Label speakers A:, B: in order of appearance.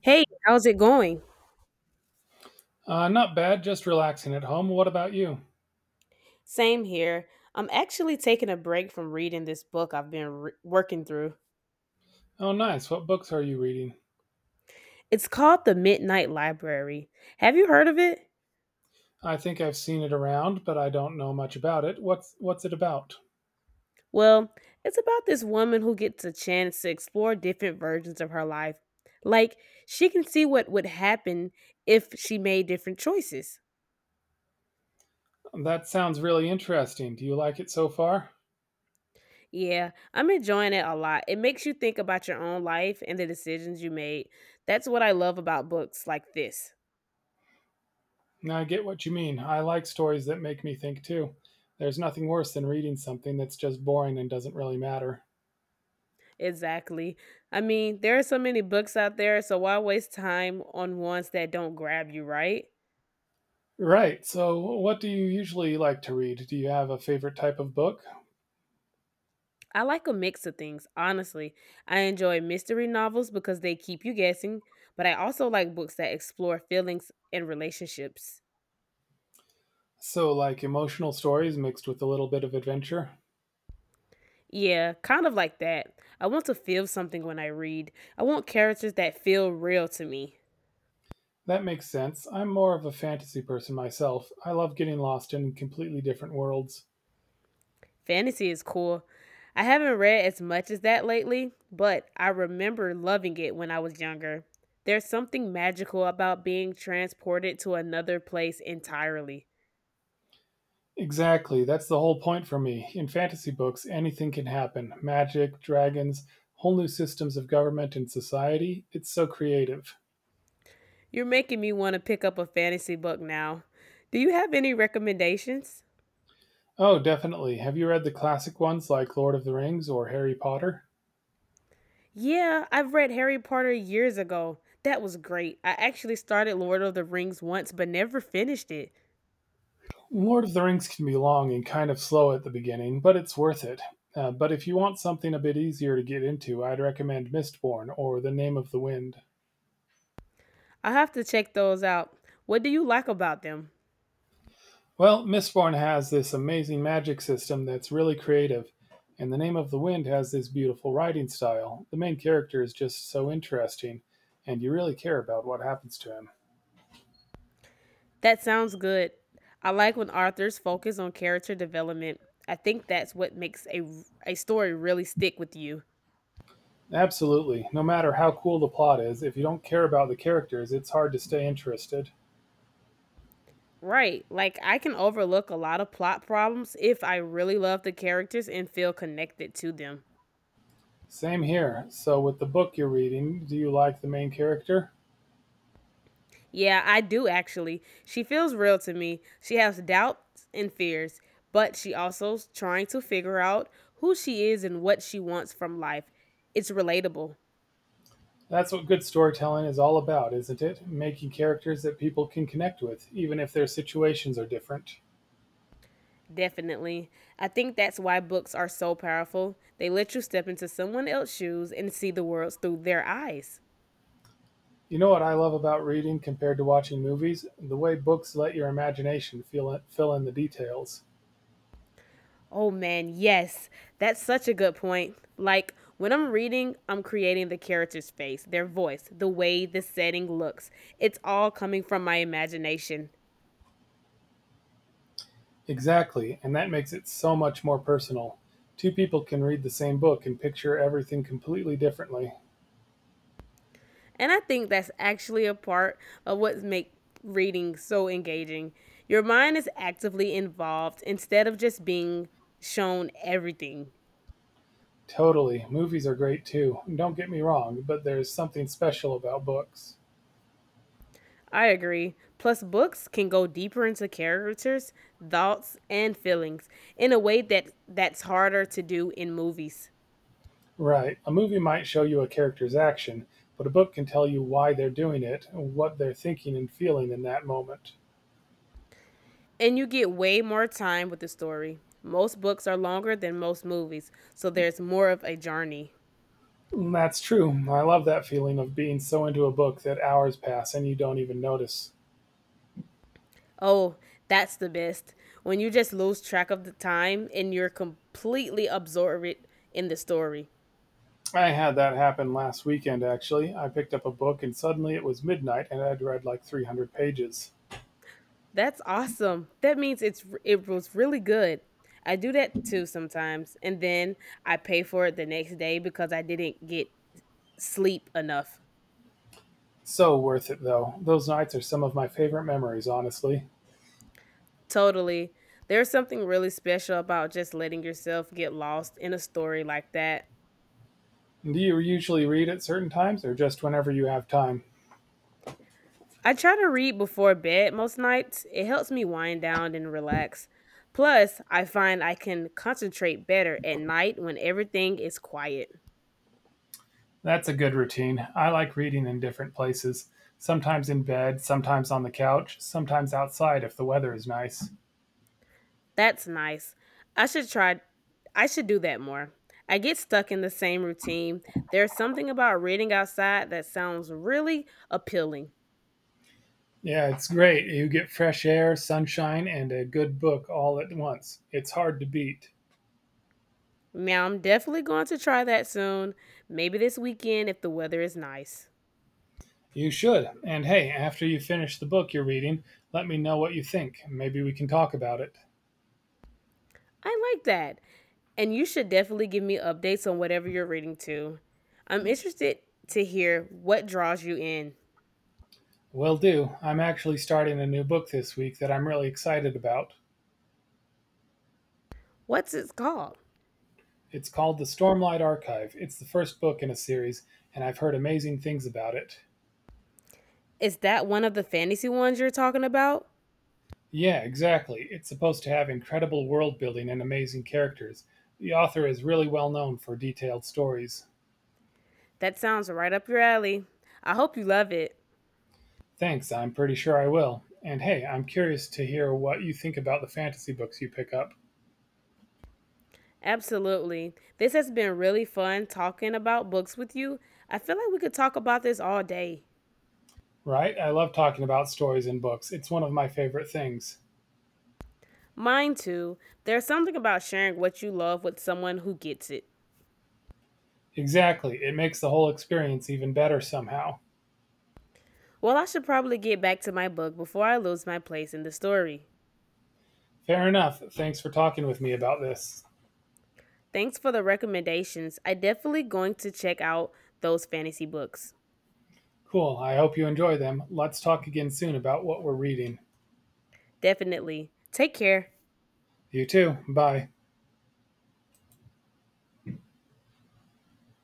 A: Hey, how's it going?
B: Not bad, just relaxing at home. What about you?
A: Same here. I'm actually taking a break from reading this book I've been working through.
B: Oh, nice. What books are you reading?
A: It's called The Midnight Library. Have you heard of it?
B: I think I've seen it around, but I don't know much about it. What's it about?
A: Well, it's about this woman who gets a chance to explore different versions of her life. Like, she can see what would happen if she made different choices.
B: That sounds really interesting. Do you like it so far?
A: Yeah, I'm enjoying it a lot. It makes you think about your own life and the decisions you made. That's what I love about books like this.
B: I get what you mean. I like stories that make me think too. There's nothing worse than reading something that's just boring and doesn't really matter.
A: Exactly. I mean, there are so many books out there, so why waste time on ones that don't grab you, right?
B: Right. So, what do you usually like to read? Do you have a favorite type of book?
A: I like a mix of things, honestly. I enjoy mystery novels because they keep you guessing, but I also like books that explore feelings and relationships.
B: So, like emotional stories mixed with a little bit of adventure?
A: Yeah, kind of like that. I want to feel something when I read. I want characters that feel real to me.
B: That makes sense. I'm more of a fantasy person myself. I love getting lost in completely different worlds.
A: Fantasy is cool. I haven't read as much as that lately, but I remember loving it when I was younger. There's something magical about being transported to another place entirely.
B: Exactly. That's the whole point for me. In fantasy books, anything can happen magic, dragons, whole new systems of government and society. It's so creative.
A: You're making me want to pick up a fantasy book now. Do you have any recommendations?
B: Oh, definitely. Have you read the classic ones like Lord of the Rings or Harry Potter?
A: Yeah, I've read Harry Potter years ago. That was great. I actually started Lord of the Rings once but never finished it.
B: Lord of the Rings can be long and kind of slow at the beginning, but it's worth it. But if you want something a bit easier to get into, I'd recommend Mistborn or The Name of the Wind.
A: I have to check those out. What do you like about them?
B: Well, Mistborn has this amazing magic system that's really creative, and The Name of the Wind has this beautiful writing style. The main character is just so interesting, and you really care about what happens to him.
A: That sounds good. I like when authors focus on character development. I think that's what makes a story really stick with you.
B: Absolutely. No matter how cool the plot is, if you don't care about the characters, it's hard to stay interested.
A: Right. Like I can overlook a lot of plot problems if I really love the characters and feel connected to them.
B: Same here. So, with the book you're reading, do you like the main character?
A: Yeah, I do actually. She feels real to me. She has doubts and fears, but she also's trying to figure out who she is and what she wants from life. It's relatable.
B: That's what good storytelling is all about, isn't it? Making characters that people can connect with, even if their situations are different.
A: Definitely. I think that's why books are so powerful. They let you step into someone else's shoes and see the world through their eyes.
B: You know what I love about reading compared to watching movies? The way books let your imagination feel it, fill in the details.
A: Oh man, yes. That's such a good point. Like when I'm reading, I'm creating the character's face, their voice, the way the setting looks. It's all coming from my imagination.
B: Exactly, and that makes it so much more personal. Two people can read the same book and picture everything completely differently.
A: And I think that's actually a part of what makes reading so engaging. Your mind is actively involved instead of just being shown everything.
B: Totally. Movies are great too. Don't get me wrong, but there's something special about books.
A: I agree. Plus, books can go deeper into characters, thoughts, and feelings in a way that's harder to do in movies.
B: Right. A movie might show you a character's action, but a book can tell you why they're doing it, what they're thinking and feeling in that moment.
A: And you get way more time with the story. Most books are longer than most movies, so there's more of a journey.
B: That's true. I love that feeling of being so into a book that hours pass and you don't even notice.
A: Oh, that's the best. When you just lose track of the time and you're completely absorbed in the story.
B: I had that happen last weekend, actually. I picked up a book and suddenly it was midnight and I'd read like 300 pages.
A: That's awesome. That means it was really good. I do that too sometimes, and then I pay for it the next day because I didn't get sleep enough.
B: So worth it, though. Those nights are some of my favorite memories, honestly.
A: Totally. There's something really special about just letting yourself get lost in a story like that.
B: Do you usually read at certain times or just whenever you have time?
A: I try to read before bed most nights. It helps me wind down and relax. Plus, I find I can concentrate better at night when everything is quiet.
B: That's a good routine. I like reading in different places. Sometimes in bed, sometimes on the couch, sometimes outside if the weather is nice.
A: That's nice. I should try I should do that more. I get stuck in the same routine. There's something about reading outside that sounds really appealing.
B: Yeah, it's great. You get fresh air, sunshine, and a good book all at once. It's hard to beat.
A: Now, I'm definitely going to try that soon, maybe this weekend if the weather is nice.
B: You should. And hey, after you finish the book you're reading, let me know what you think. Maybe we can talk about it.
A: I like that. And you should definitely give me updates on whatever you're reading too. I'm interested to hear what draws you in.
B: Will do. I'm actually starting a new book this week that I'm really excited about.
A: What's it called?
B: It's called The Stormlight Archive. It's the first book in a series, and I've heard amazing things about it.
A: Is that one of the fantasy ones you're talking about?
B: Yeah, exactly. It's supposed to have incredible world building and amazing characters. The author is really well known for detailed stories.
A: That sounds right up your alley. I hope you love it.
B: Thanks, I'm pretty sure I will. And hey, I'm curious to hear what you think about the fantasy books you pick up.
A: Absolutely. This has been really fun talking about books with you. I feel like we could talk about this all day.
B: Right? I love talking about stories and books. It's one of my favorite things.
A: Mine too. There's something about sharing what you love with someone who gets it.
B: Exactly. It makes the whole experience even better somehow.
A: Well, I should probably get back to my book before I lose my place in the story.
B: Fair enough. Thanks for talking with me about this.
A: Thanks for the recommendations. I definitely going to check out those fantasy books.
B: Cool. I hope you enjoy them. Let's talk again soon about what we're reading.
A: Definitely. Take care.
B: You too. Bye.